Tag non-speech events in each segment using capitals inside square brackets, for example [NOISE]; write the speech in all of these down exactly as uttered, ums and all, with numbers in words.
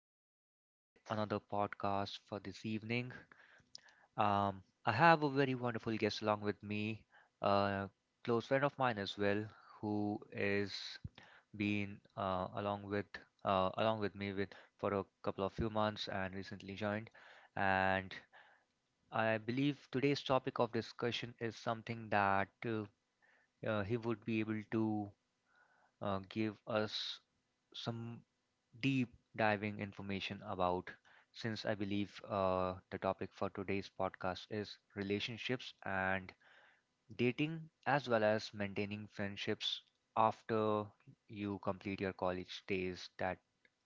Welcome to yet another podcast for this evening. Um, I have a very wonderful guest along with me, a close friend of mine as well, who is been uh, along with uh, along with me with for a couple of few months and recently joined. And I believe today's topic of discussion is something that uh, uh, he would be able to uh, give us some deep diving information about, since I believe uh, the topic for today's podcast is relationships and dating, as well as maintaining friendships after you complete your college days, that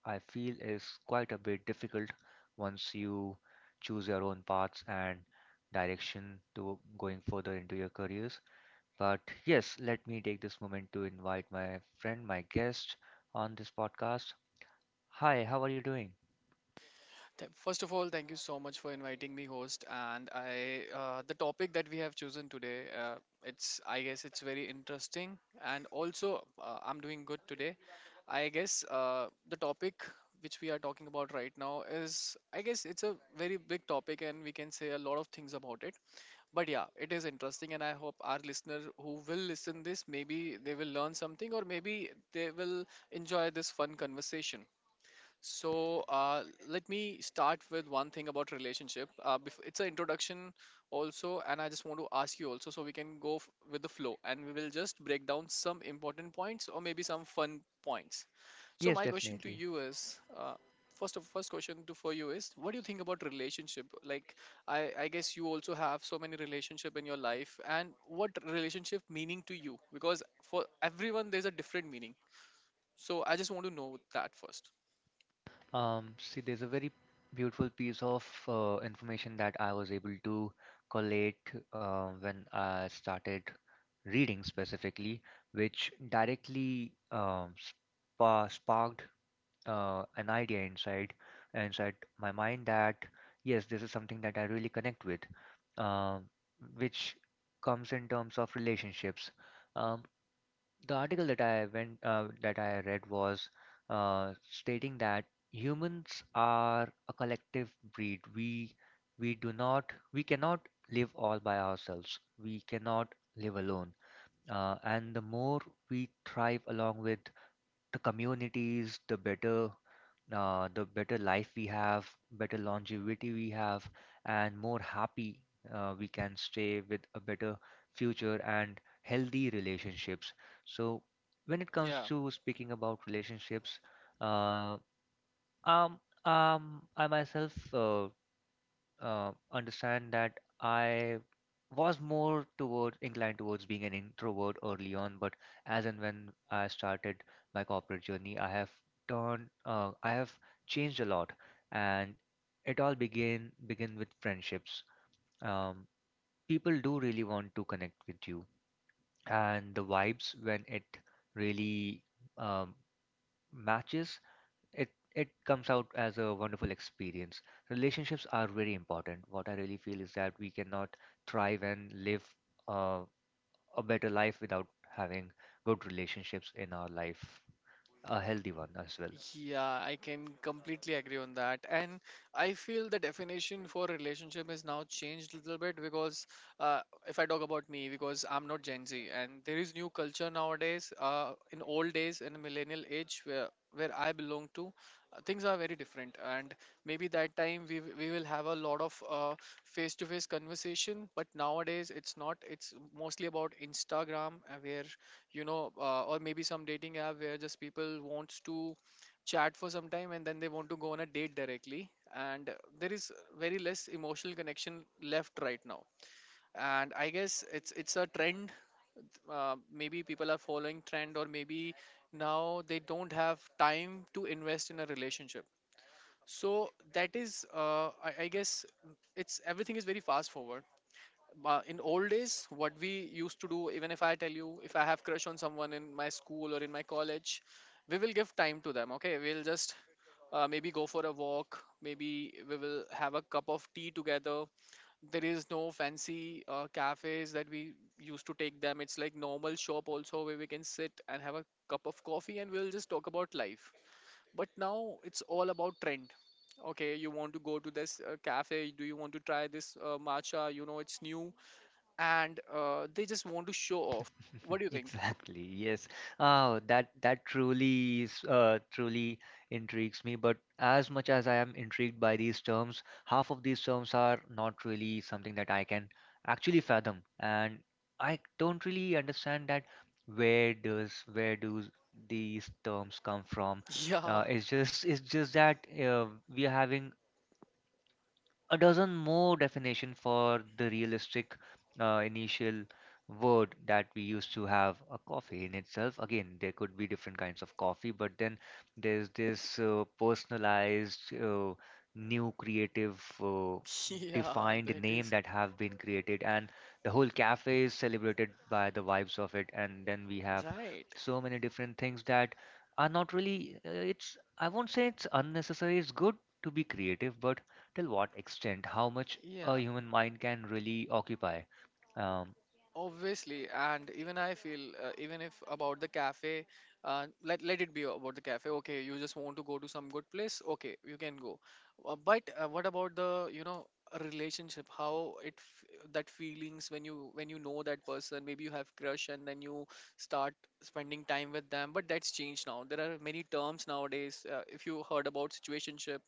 I feel is quite a bit difficult once you choose your own paths and direction to going further into your careers. But yes, let me take this moment to invite my friend, my guest on this podcast. Hi, how are you doing? Th- First of all, thank you so much for inviting me, host. And I, uh, the topic that we have chosen today, uh, it's I guess it's very interesting, and also uh, I'm doing good today. I guess uh, the topic which we are talking about right now is I guess it's a very big topic, and we can say a lot of things about it. But yeah, it is interesting, and I hope our listener who will listen this maybe they will learn something, or maybe they will enjoy this fun conversation. So uh, let me start with one thing about relationship. Uh, bef- it's an introduction also, and I just want to ask you also, so we can go f- with the flow, and we will just break down some important points or maybe some fun points. So Yes, my question to definitely. you is, uh, first of first question to for you is, what do you think about relationship? Like, I I guess you also have so many relationship in your life, and what relationship meaning to you? Because for everyone, there's a different meaning. So I just want to know that first. Um, see, there's a very beautiful piece of uh, information that I was able to collate uh, when I started reading specifically, which directly um, spa- sparked uh, an idea inside inside my mind that yes, this is something that I really connect with, uh, which comes in terms of relationships. Um, the article that I went uh, that I read was uh, stating that humans are a collective breed. We we do not we cannot live all by ourselves. We cannot live alone. Uh, and the more we thrive along with the communities, the better uh, the better life we have, better longevity we have, and more happy uh, we can stay with a better future and healthy relationships. So, when it comes Yeah. to speaking about relationships, uh, um, um, I myself uh, uh, understand that I was more toward inclined towards being an introvert early on, but as and when I started my corporate journey, I have turned, uh, I have changed a lot, and it all began begin with friendships. Um, People do really want to connect with you, and the vibes when it really um, matches, it it comes out as a wonderful experience. Relationships are very important. What I really feel is that we cannot thrive and live uh, a better life without having good relationships in our life, a healthy one as well. Yeah, I can completely agree on that. And I feel the definition for relationship has now changed a little bit, because uh, if I talk about me, because I'm not Gen Z and there is new culture nowadays, uh, in old days, in the millennial age where where I belong to, uh, things are very different. And maybe that time we, w- we will have a lot of uh, face-to-face conversation, but nowadays it's not. It's mostly about Instagram, uh, where, you know, uh, or maybe some dating app where just people wants to chat for some time, and then they want to go on a date directly, and there is very less emotional connection left right now. And I guess it's it's a trend. Uh, maybe people are following trend, or maybe now they don't have time to invest in a relationship. So that is uh, I, I guess it's everything is very fast forward. Uh, in old days, what we used to do, even if I tell you, if I have crush on someone in my school or in my college, we will give time to them. Okay, we'll just uh, maybe go for a walk, maybe we will have a cup of tea together. There is no fancy uh, cafes that we used to take them. It's like normal shop also where we can sit and have a cup of coffee, and we'll just talk about life. But now it's all about trend. Okay, you want to go to this uh, cafe? Do you want to try this uh, matcha? You know it's new. And uh, they just want to show off. What do you [LAUGHS] think? [LAUGHS] Exactly. Yes. Oh, that that truly is, uh, truly intrigues me. But as much as I am intrigued by these terms, half of these terms are not really something that I can actually fathom, and I don't really understand that where does where do these terms come from. Yeah, Uh, it's just it's just that uh, we are having a dozen more definition for the realistic uh, initial word that we used to have. A coffee in itself again there could be different kinds of coffee, but then there's this uh, personalized, uh, new creative, uh, [LAUGHS] yeah, defined that name is that have been created, and the whole cafe is celebrated by the vibes of it. And then we have right. so many different things that are not really uh, it's, I won't say it's unnecessary, it's good to be creative, but till what extent, how much a Yeah, human mind can really occupy. Um, obviously, and even I feel, uh, even if about the cafe, uh, let let it be about the cafe. Okay, you just want to go to some good place. Okay, you can go. Uh, but uh, what about the you know a relationship? How it f- that feelings when you when you know that person, maybe you have crush, and then you start spending time with them. But that's changed now. There are many terms nowadays. Uh, if you heard about situationship,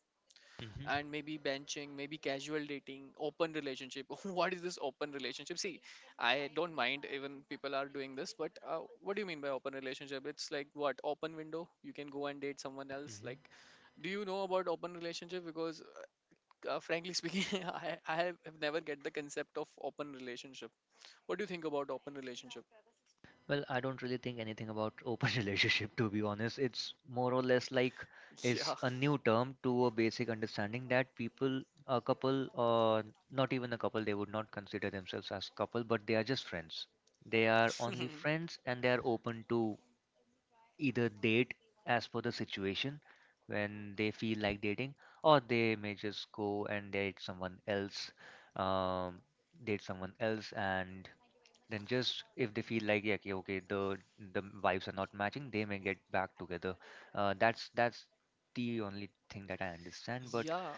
hmm. and maybe benching, maybe casual dating, open relationship. [LAUGHS] What is this open relationship? See, I don't mind even people are doing this, but uh, what do you mean by open relationship? It's like what, open window? You can go and date someone else. Like, Hmm. do you know about open relationship? Because uh, uh, frankly speaking, [LAUGHS] I I have have never get the concept of open relationship. What do you think about open relationship? Well, I don't really think anything about open [LAUGHS] relationship, to be honest. It's more or less like is Yeah, a new term to a basic understanding that people, a couple, or not even a couple, they would not consider themselves as couple, but they are just friends. They are only [LAUGHS] friends and they are open to either date as per the situation when they feel like dating, or they may just go and date someone else, um, date someone else, and then just if they feel like, yeah, okay, okay, the the vibes are not matching, they may get back together. Uh, that's that's the only thing that I understand, but yeah,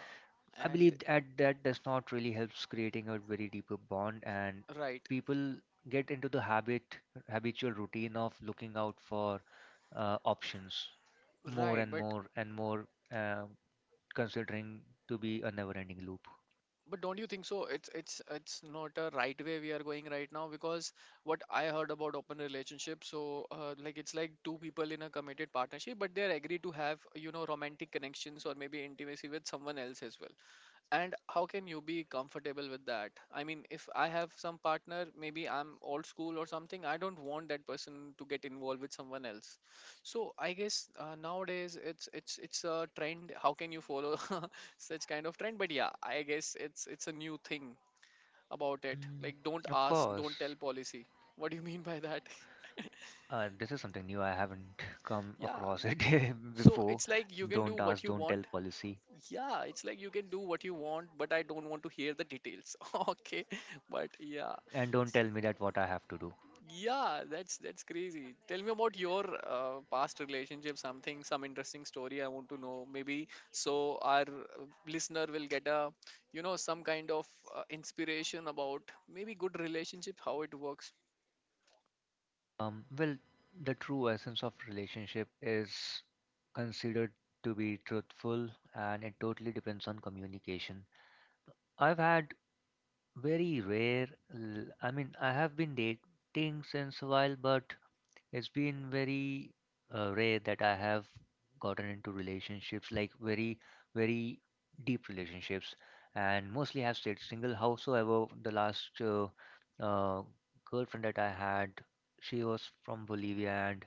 I and believe that that does not really helps creating a very deeper bond, and right, people get into the habit, habitual routine of looking out for uh, options more right. and But more and more, uh, considering to be a never-ending loop. But don't you think so? It's it's it's not a right way we are going right now, because what I heard about open relationship, so uh, like it's like two people in a committed partnership, but they're agreed to have you know romantic connections or maybe intimacy with someone else as well. And how can you be comfortable with that? I mean, if I have some partner, maybe I'm old school or something, I don't want that person to get involved with someone else. So I guess uh, nowadays it's it's it's a trend. How can you follow [LAUGHS] such kind of trend? But yeah, I guess it's it's a new thing about it, Mm. like, don't Of ask don't tell course, policy. What do you [LAUGHS] mean by that? uh, this is something new. I haven't [LAUGHS] come [LAUGHS] Yeah, across it [LAUGHS] so before. it's like you can do Don't what ask, you don't tell want. policy, Yeah, it's like you can do what you want, but I don't want to hear the details. [LAUGHS] Okay, but yeah, and don't tell me that what I have to do. yeah, that's that's crazy. Tell me about your uh, past relationship, something, some interesting story. I want to know, maybe so our uh, listener will get a, you know, some kind of uh, inspiration about maybe good relationship, how it works. Um, well, the true essence of relationship is considered to be truthful, and it totally depends on communication. I've had very rare, l- I mean, I have been dating since a while, but it's been very uh, rare that I have gotten into relationships, like very, very deep relationships, and mostly have stayed single. Howsoever, the last uh, uh, girlfriend that I had, she was from Bolivia, and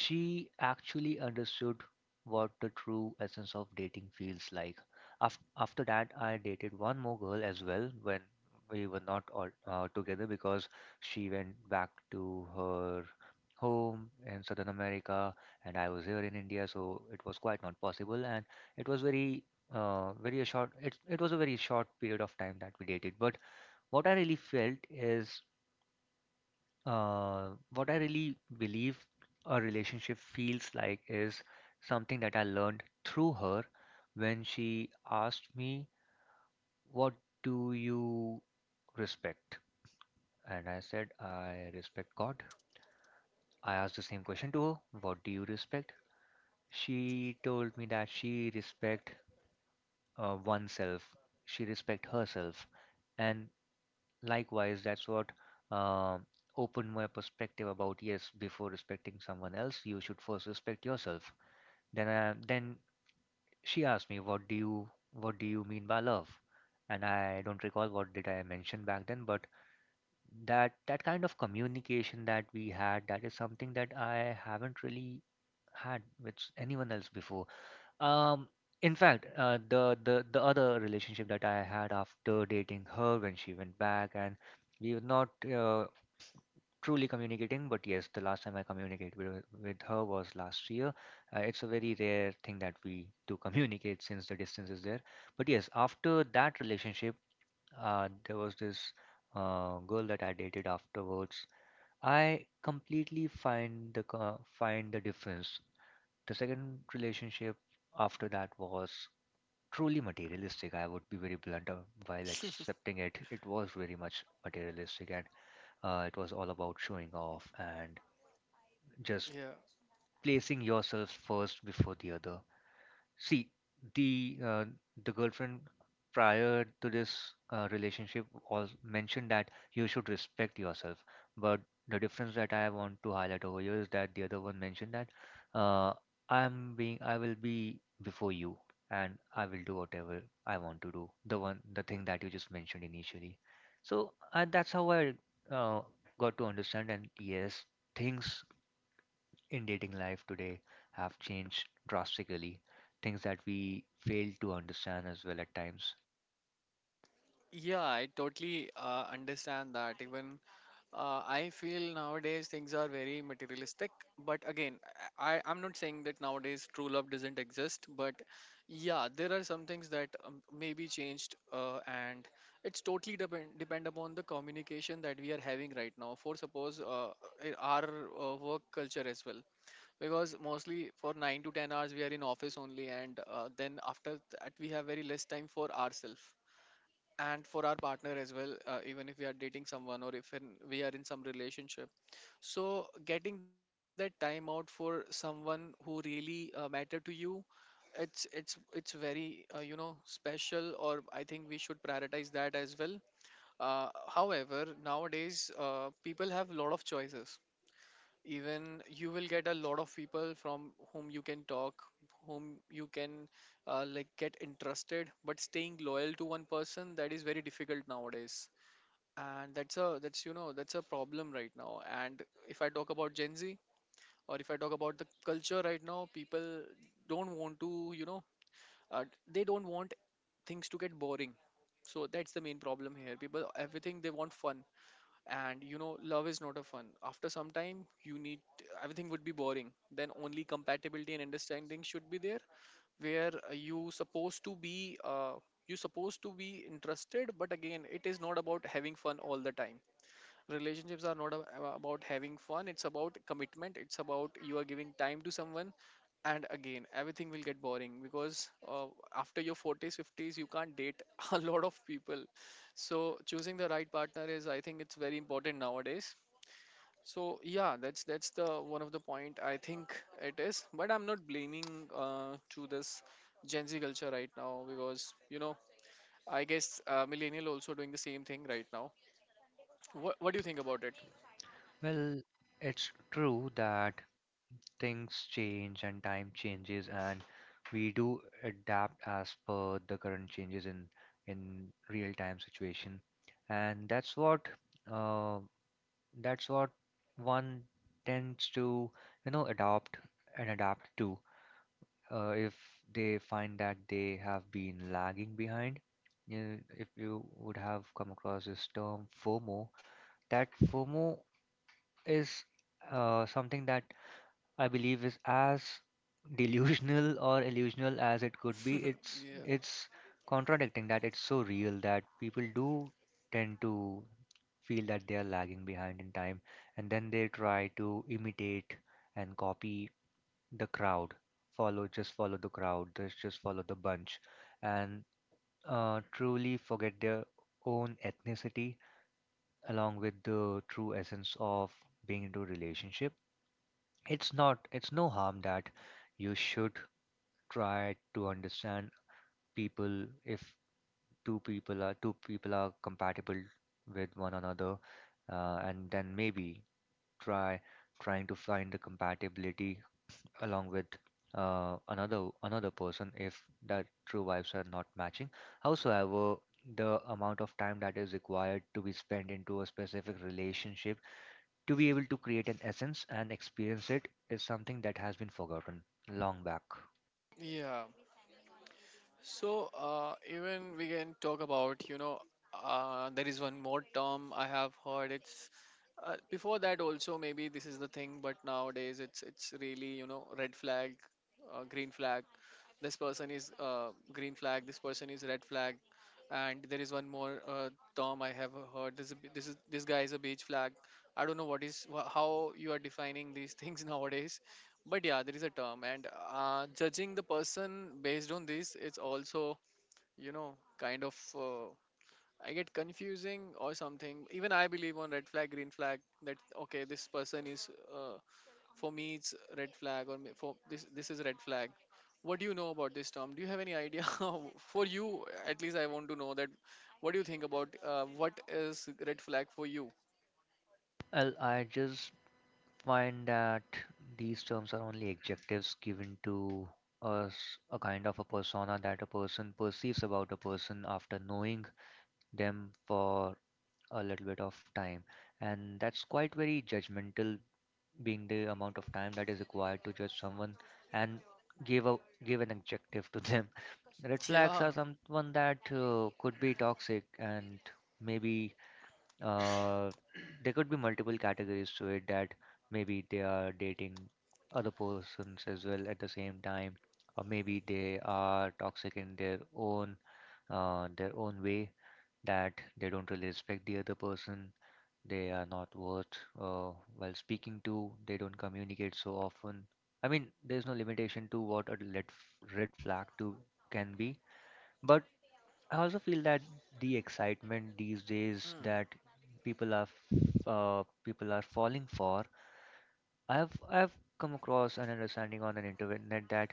she actually understood what the true essence of dating feels like. After, after that, I dated one more girl as well. When we were not all uh, together because she went back to her home in Southern America and I was here in India, so it was quite not possible. And it was very, uh, very a short. It it was a very short period of time that we dated. But what I really felt is uh, what I really believe a relationship feels like is something that I learned through her when she asked me, "What do you respect?" And I said, "I respect God." I asked the same question to her, "What do you respect?" She told me that she respect uh, oneself, she respect herself. And likewise, that's what uh, opened my perspective about yes, before respecting someone else, you should first respect yourself. Then, I, then she asked me, "What do you, what do you mean by love?" And I don't recall what did I mention back then, but that that kind of communication that we had, that is something that I haven't really had with anyone else before. Um, in fact, uh, the the the other relationship that I had after dating her when she went back, and we were not uh, truly communicating. But yes, the last time I communicated with, with her was last year. Uh, it's a very rare thing that we do [LAUGHS] communicate since the distance is there. But yes, after that relationship, uh, there was this uh, girl that I dated afterwards. I completely find the co- find the difference. The second relationship after that was truly materialistic. I would be very blunt uh, while [LAUGHS] accepting it. It was very much materialistic, and uh, it was all about showing off and just Yeah, placing yourself first before the other. See, the uh, the girlfriend prior to this uh, relationship was mentioned that you should respect yourself. But the difference that I want to highlight over here is that the other one mentioned that uh, I'm being I will be before you, and I will do whatever I want to do. The one the thing that you just mentioned initially. So uh, that's how I uh, got to understand. And yes, things in dating life today have changed drastically, things that we fail to understand as well at times. yeah, I totally uh, understand that. Even Uh, I feel nowadays things are very materialistic, but again, I, I'm not saying that nowadays true love doesn't exist, but yeah, there are some things that um, may be changed, uh, and it's totally depend depend upon the communication that we are having right now. For suppose uh, i- our uh, work culture as well, because mostly for nine to ten hours we are in office only, and uh, then after that we have very less time for ourselves and for our partner as well. Uh, even if we are dating someone, or if in, we are in some relationship, so getting that time out for someone who really uh, matter to you, it's it's it's very uh, you know special. Or I think we should prioritize that as well. Uh, however, nowadays uh, people have a lot of choices. Even you will get a lot of people from whom you can talk, whom you can uh, like get interested, but staying loyal to one person, that is very difficult nowadays. And that's a that's you know that's a problem right now. And if I talk about Gen Z, or if I talk about the culture right now, people don't want to, you know uh, they don't want things to get boring. So that's the main problem here. People, everything, they want fun. And you know love is not a fun. After some time you need, everything would be boring, then only compatibility and understanding should be there, where uh, you supposed to be uh, you supposed to be interested, but again, it is not about having fun all the time. Relationships are not ab- ab- about having fun. It's about commitment, it's about you are giving time to someone. And again, everything will get boring, because uh, after your forties fifties you can't date [LAUGHS] a lot of people. So choosing the right partner is I think it's very important nowadays. So yeah, that's that's the one of the point, I think. It is, but I'm not blaming uh, to this Gen Z culture right now, because you know I guess uh, millennial also doing the same thing right now. What, what do you think about it? Well, it's true that things change and time changes, and we do adapt as per the current changes in in real time situation, and that's what uh, that's what one tends to, you know, adopt and adapt to. Uh, if they find that they have been lagging behind. You, if you would have come across this term FOMO, that FOMO is uh, something that I believe is as delusional [LAUGHS] or illusional as it could be. [LAUGHS] It's yeah, it's contradicting that it's so real that people do tend to feel that they are lagging behind in time, and then they try to imitate and copy the crowd, follow, just follow the crowd, just just follow the bunch, and uh, truly forget their own ethnicity along with the true essence of being into a relationship. It's not it's no harm that you should try to understand people. If two people are two people are compatible with one another, uh, and then maybe try trying to find the compatibility along with uh, another another person if that true vibes are not matching. Howsoever, the amount of time that is required to be spent into a specific relationship to be able to create an essence and experience it is something that has been forgotten long back. yeah. So uh, even we can talk about you know uh, there is one more term I have heard. It's uh, Before that also, maybe this is the thing, but nowadays it's it's really, you know red flag, uh, green flag, this person is uh, green flag, this person is red flag. And there is one more uh, term I have heard. This is, b- this is this guy is a beige flag. I don't know what is wha- how you are defining these things [LAUGHS] nowadays, but yeah, there is a term. And uh, judging the person based on this, it's also you know kind of uh, I get confusing or something. Even I believe on red flag green flag, that okay, this person is uh, for me it's red flag, or, me- for this this is red flag. What do you know about this term? Do you have any idea? [LAUGHS] For you, at least, I want to know that. What do you think about, uh, what is red flag for you? Well, I just find that these terms are only adjectives given to us, a kind of a persona that a person perceives about a person after knowing them for a little bit of time, and that's quite very judgmental being the amount of time that is required to judge someone and give a give an adjective to them. [LAUGHS] Red [LAUGHS] flags Yeah. are someone that uh, could be toxic, and maybe uh, there could be multiple categories to it, that maybe they are dating other persons as well at the same time, or maybe they are toxic in their own, uh, their own way, that they don't really respect the other person, they are not worth uh, while speaking to, they don't communicate so often. I mean, there's no limitation to what a red, f- red flag to can be. But I also feel that the excitement these days Hmm. that people are f- uh, people are falling for. I have i have come across an understanding on an internet that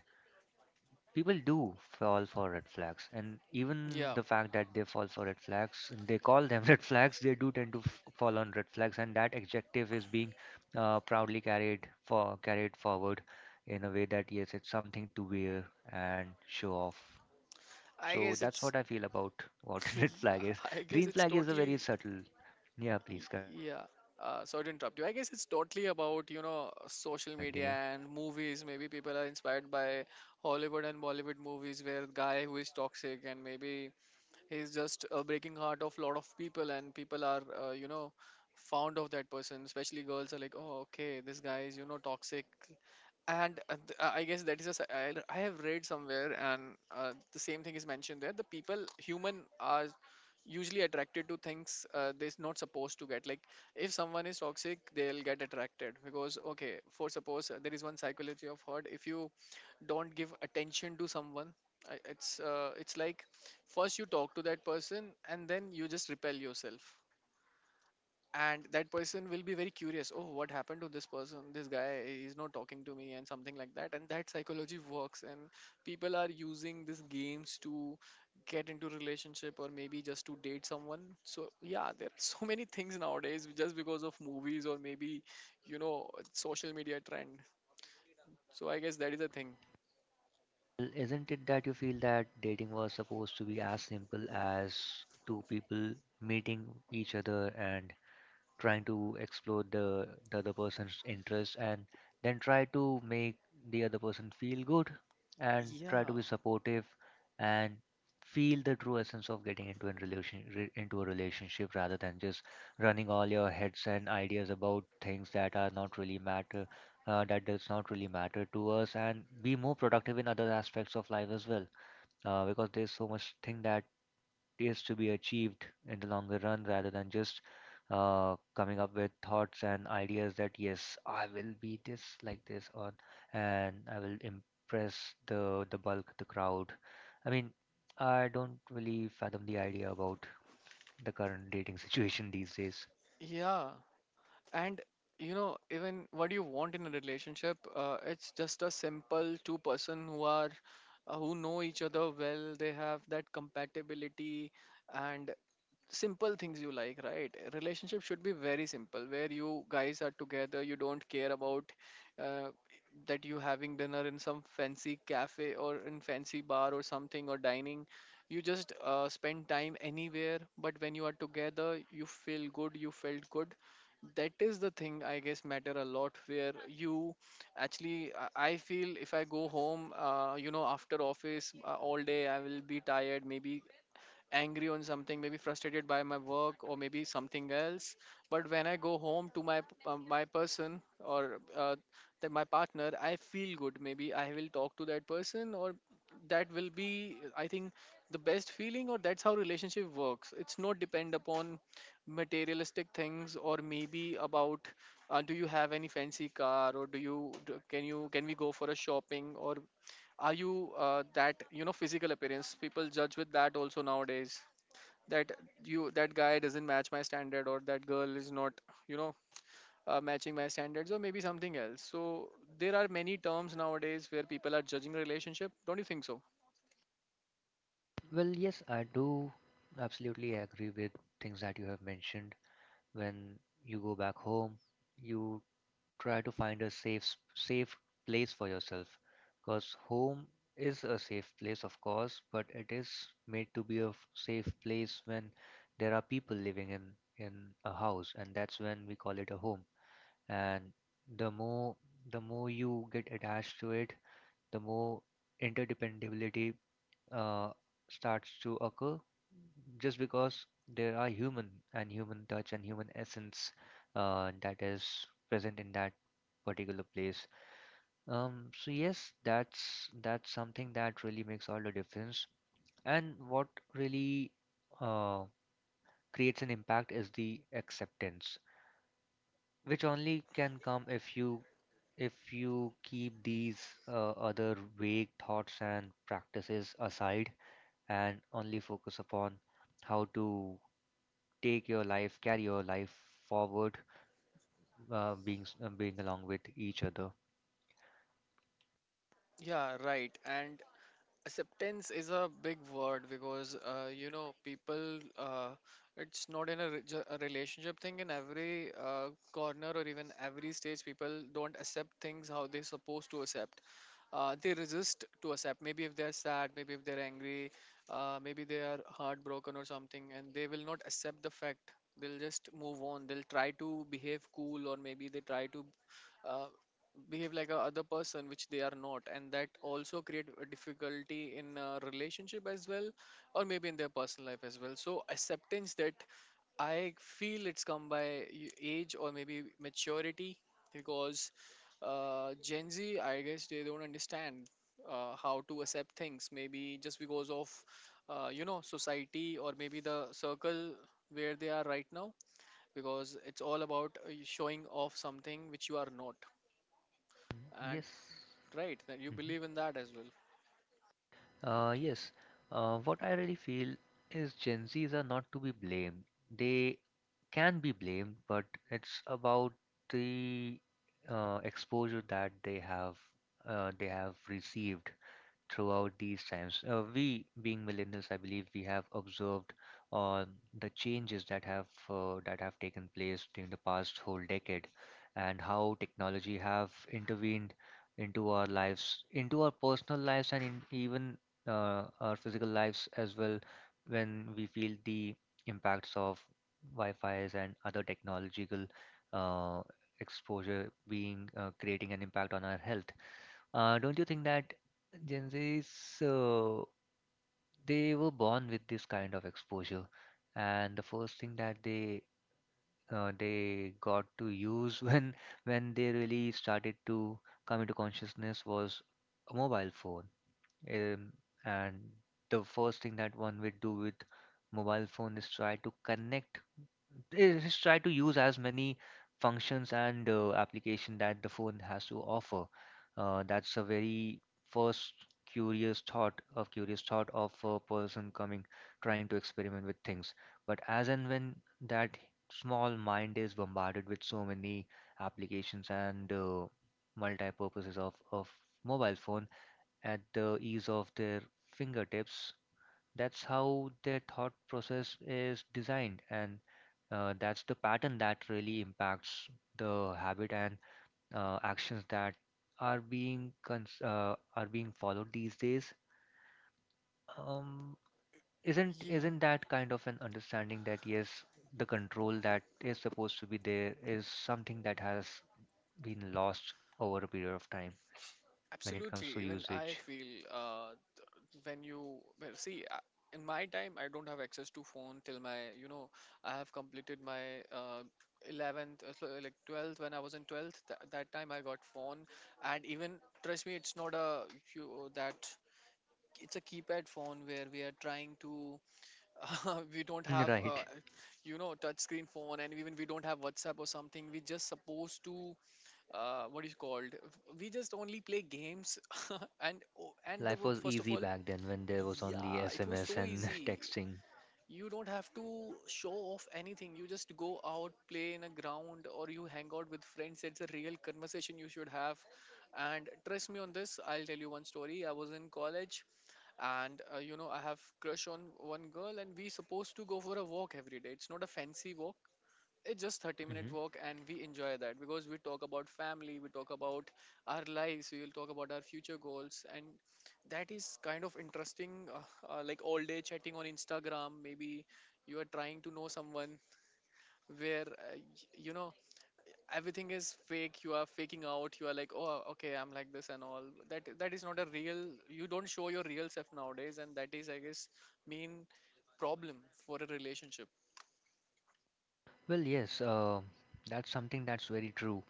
people do fall for red flags, and even yeah the fact that they fall for red flags, they call them [LAUGHS] red flags, they do tend to f- fall on red flags, and that adjective is being uh, proudly carried for carried forward in a way that yes, it's something to wear and show off. I So guess that's it's what I feel about what [LAUGHS] [LAUGHS] Yeah, red flag is. I guess Green it's flag is a very totally. subtle. Yeah, Y- please continue. Yeah. Uh, sorry to interrupt you. I guess it's totally about, you know, social media and movies. Maybe people are inspired by Hollywood and Bollywood movies where the guy who is toxic and maybe he's just uh, breaking heart of lot of people, and people are, uh, you know, fond of that person. Especially girls are like, oh, okay, this guy is, you know, toxic and uh, th- uh, I guess that is a s- I I have read somewhere and uh, the same thing is mentioned there, the people human are usually attracted to things uh, they're not supposed to get. Like if someone is toxic they'll get attracted because okay, for suppose uh, there is one psychology of hurt. If you don't give attention to someone, uh, it's uh, it's like first you talk to that person and then you just repel yourself, and that person will be very curious, oh what happened to this person, this guy is not talking to me and something like that, and that psychology works and people are using these games to get into relationship or maybe just to date someone. So yeah, there are [LAUGHS] so many things nowadays, just because of movies or maybe, you know, social media trend. So I guess that is a thing. Well, isn't it that you feel that dating was supposed to be as simple as two people meeting each other and trying to explore the the other person's interest, and then try to make the other person feel good and try to Yeah. be supportive and feel the true essence of getting into a relation re- into a relationship, rather than just running all your heads and ideas about things that are not really matter, uh, that does not really matter to us, and be more productive in other aspects of life as well. Uh, because there's so much thing that is to be achieved in the longer run rather than just uh, coming up with thoughts and ideas that yes, I will be this like this, or and I will impress the the bulk, the crowd. I mean, I don't really fathom the idea about the current dating [LAUGHS] situation these days. Yeah. And, you know, even what you want in a relationship, uh, it's just a simple two person who are uh, who know each other well. They have that compatibility, and simple things you like, right, relationship should be very simple where you guys are together, you don't care about uh, that you having dinner in some fancy cafe or in fancy bar or something, or dining, you just uh, spend time anywhere, but when you are together you feel good, you felt good. That is the thing I guess matter a lot, where you actually i I feel if I go home, uh, you know after office uh, all day I will be tired, maybe angry on something, maybe frustrated by my work or maybe something else. But when I go home to my uh, my person or uh, the, my partner, I feel good, maybe I will talk to that person, or that will be I think the best feeling. Or that's how relationship works, it's not depend upon materialistic things or maybe about, uh, do you have any fancy car, or do you do, can you, can we go for a shopping, or are you uh, that, you know, physical appearance, people judge with that also nowadays, that you, that guy doesn't match my standard, or that girl is not, you know, uh, matching my standards or maybe something else. So there are many terms nowadays where people are judging a relationship. Don't you think so? Well, yes, I do absolutely agree with things that you have mentioned. When you go back home, you try to find a safe s- safe place for yourself, because home is a safe place of course, but it is made to be a f- safe place when there are people living in in a house, and that's when we call it a home. And the more the more you get attached to it, the more interdependability uh, starts to occur, just because there are human and human touch and human essence uh, that is present in that particular place. Um, so yes, that's that's something that really makes all the difference. And what really uh, creates an impact is the acceptance, which only can come if you if you keep these uh, other vague thoughts and practices aside, and only focus upon how to take your life, carry your life forward, uh, being s- uh, being along with each other. Yeah, right. And acceptance is a big word because, uh, you know, people, uh, it's not in a, re- ju- a relationship thing, in every uh, corner or even every stage, people don't accept things how they're supposed to accept. Uh, they resist to accept, maybe if they're sad, maybe if they're angry, uh, maybe they are heartbroken or something, and they will not accept the fact. They'll just move on, they'll try to behave cool, or maybe they try to uh, behave like a other person which they are not, and that also create a difficulty in a relationship as well, or maybe in their personal life as well. So acceptance, that I feel it's come by y- age or maybe maturity, because uh, gen z I guess they don't understand uh, how to accept things, maybe just because of uh, you know, society or maybe the circle where they are right now, because it's all about uh, showing off something which you are not. And Yes. right, that you Mhm. believe in that as well. Uh, yes. Uh, what I really feel is Gen Zs are not to be blamed. They can be blamed, but it's about the uh, exposure that they have uh, they have received throughout these times. Uh, we, being millennials, I believe we have observed uh, the changes that have uh, that have taken place during the past whole decade, and how technology have intervened into our lives, into our personal lives, and in, even uh, our physical lives as well. When we feel the impacts of Wi-Fi's and other technological uh, exposure being uh, creating an impact on our health, uh, don't you think that Gen Zs, uh, they were born with this kind of exposure, and the first thing that they uh, they got to use [LAUGHS] when when they really started to come into consciousness was a mobile phone. Um, and the first thing that one would do with mobile phone is try to connect, they just try to use as many functions and uh, application that the phone has to offer. Uh, that's a very first curious thought of curious thought of a person coming, trying to experiment with things. But as and when that small mind is bombarded with so many applications and uh, multi-purposes of of mobile phone at the ease of their fingertips, that's how their thought process is designed, and uh, that's the pattern that really impacts the habit and uh, actions that are being cons uh, are being followed these days. Um, isn't Yeah, isn't that kind of an understanding that yes, the control that is supposed to be there is something that has been lost over a period of time when it comes to absolutely. Even I usage. feel uh, when you, well, see, uh, in my time, I don't have access to phone till my, you know, I have completed my uh, eleventh, uh, so, like twelfth, when I was in twelfth. Th- that time I got phone, and even, trust me, it's not a, you, that it's a keypad phone where we are trying to [LAUGHS] we don't [LAUGHS] have uh, Right. you know, touch screen phone, and even we don't have WhatsApp or something. We just supposed to uh, what is called we just only play games [LAUGHS] and oh, and the Life was first of easy all, back then when there was only yeah, it was S M S so and [LAUGHS] easy. texting. You don't have to show off anything, you just go out, play in a ground or you hang out with friends, it's a real conversation you should have. And trust me on this, I'll tell you one story. I was in college, and uh, you know, I have crush on one girl, and we supposed to go for a walk every day. It's not a fancy walk, it's just thirty minute walk, and we enjoy that because we talk about family, we talk about our lives, we will talk about our future goals, and that is kind of interesting, uh, uh, like all day chatting on instagram. Maybe you are trying to know someone where uh, y- you know, everything is fake, you are faking out, you are like, oh okay, I'm like this and all that. That is not a real, you don't show your real self nowadays, and that is I guess mean problem for a relationship. Well, yes, uh, that's something that's very true.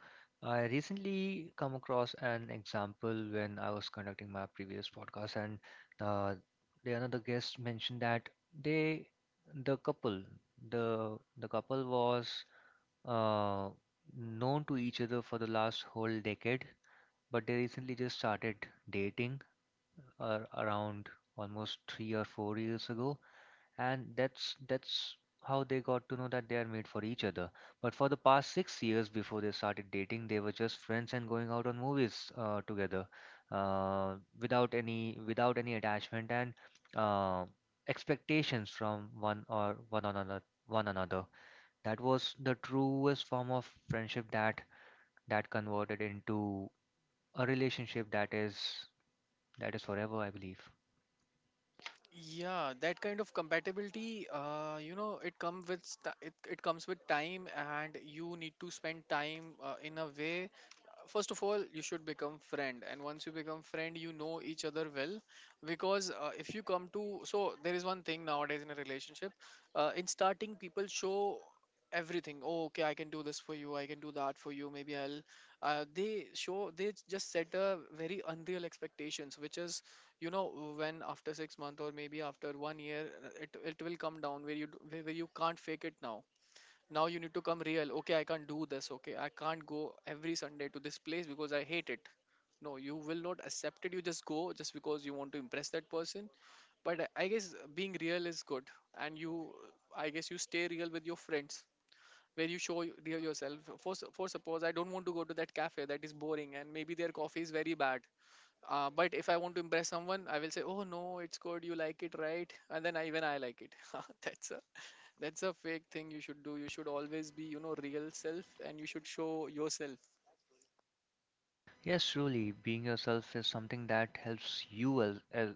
I recently come across an example when I was conducting my previous podcast, and uh, the another guest mentioned that they, the couple, the the couple was uh, known to each other for the last whole decade, but they recently just started dating uh, around almost three or four years ago, and that's that's how they got to know that they are made for each other. But for the past six years before they started dating, they were just friends and going out on movies uh, together, uh, without any without any attachment and uh, expectations from one or one another one another. That was the truest form of friendship that that converted into a relationship that is that is forever, I believe. Yeah, that kind of compatibility, uh, you know, it come with st- it, it comes with time, and you need to spend time uh, in a way. First of all, you should become friend, and once you become friend you know each other well, because uh, if you come to, so there is one thing nowadays in a relationship, uh, in starting people show everything, oh okay, I can do this for you, I can do that for you, maybe i'll, uh, they show they just set a very unreal expectations, which is, you know, when after six month or maybe after one year, uh, it, it will come down where you d- where where you can't fake it. Now, now you need to come real, okay I can't do this, okay I can't go every sunday to this place because I hate it. No, you will not accept it, you just go just because you want to impress that person. But i I guess being real is good, and you, I guess you stay real with your friends, where you show y- real yourself. For, s- for suppose, I don't want to go to that cafe, that is boring and maybe their coffee is very bad, uh, but if I want to impress someone, I will say, "Oh no, it's good. You like it, right?" And then I, even I like it. [LAUGHS] That's a, that's a fake thing you should do. You should always be, you know, real self, and you should show yourself. Yes, truly, being yourself is something that helps you as, as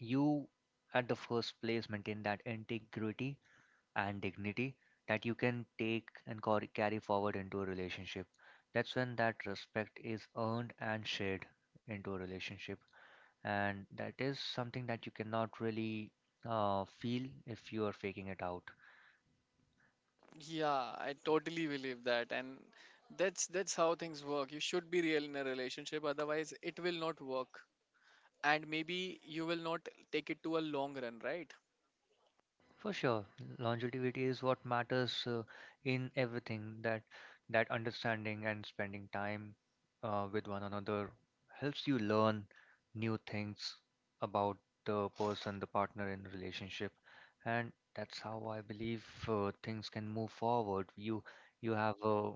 you at the first place maintain that integrity and dignity that you can take and cor- carry forward into a relationship. That's when that respect is earned and shared into a relationship, and that is something that you cannot really uh, feel if you are faking it out. Yeah, I totally believe that, and that's that's how things work. You should be real in a relationship, otherwise it will not work, and maybe you will not take it to a long run, right? For sure, longevity is what matters uh, in everything. That that understanding and spending time uh, with one another helps you learn new things about the person, the partner in relationship, and that's how I believe uh, things can move forward. You you have a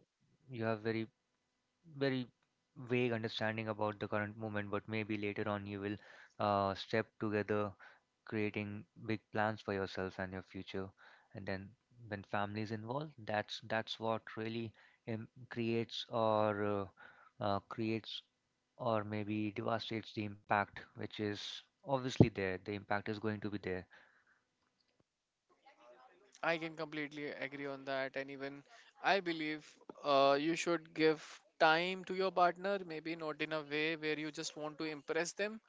you have very very vague understanding about the current movement, but maybe later on you will uh, step together, creating big plans for yourself and your future. And then when family is involved, that's that's what really um, creates or uh, uh, creates or maybe devastates the impact, which is obviously there. The impact is going to be there. I can completely agree on that. And even I believe uh, you should give time to your partner, maybe not in a way where you just want to impress them.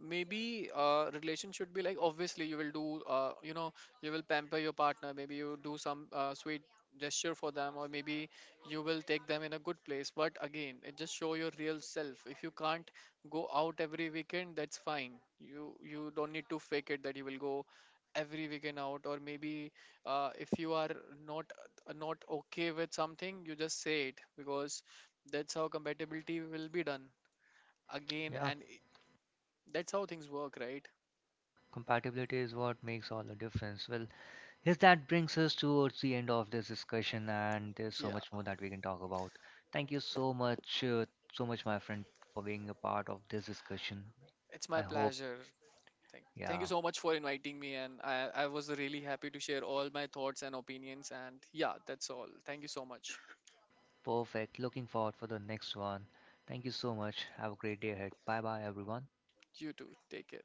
Maybe uh, relation should be like, obviously you will do, uh, you know, you will pamper your partner, maybe you do some uh, sweet gesture for them, or maybe you will take them in a good place. But again, it just show your real self. If you can't go out every weekend, that's fine, you you don't need to fake it that you will go every weekend out. Or maybe uh, if you are not, not okay with something, you just say it, because that's how compatibility will be done again. Yeah, and i- That's how things work, right? compatibility is what makes all the difference. Well, yes, that brings us towards the end of this discussion, and there's so Yeah, much more that we can talk about. Thank you so much, uh, so much, my friend, for being a part of this discussion. it's my I hope, pleasure. Thank, thank you yeah, so much for inviting me, and I, I was really happy to share all my thoughts and opinions. And yeah, that's all. Thank you so much. perfect. Looking forward for the next one. Thank you so much. Have a great day ahead. Bye bye, everyone. You too. Take care.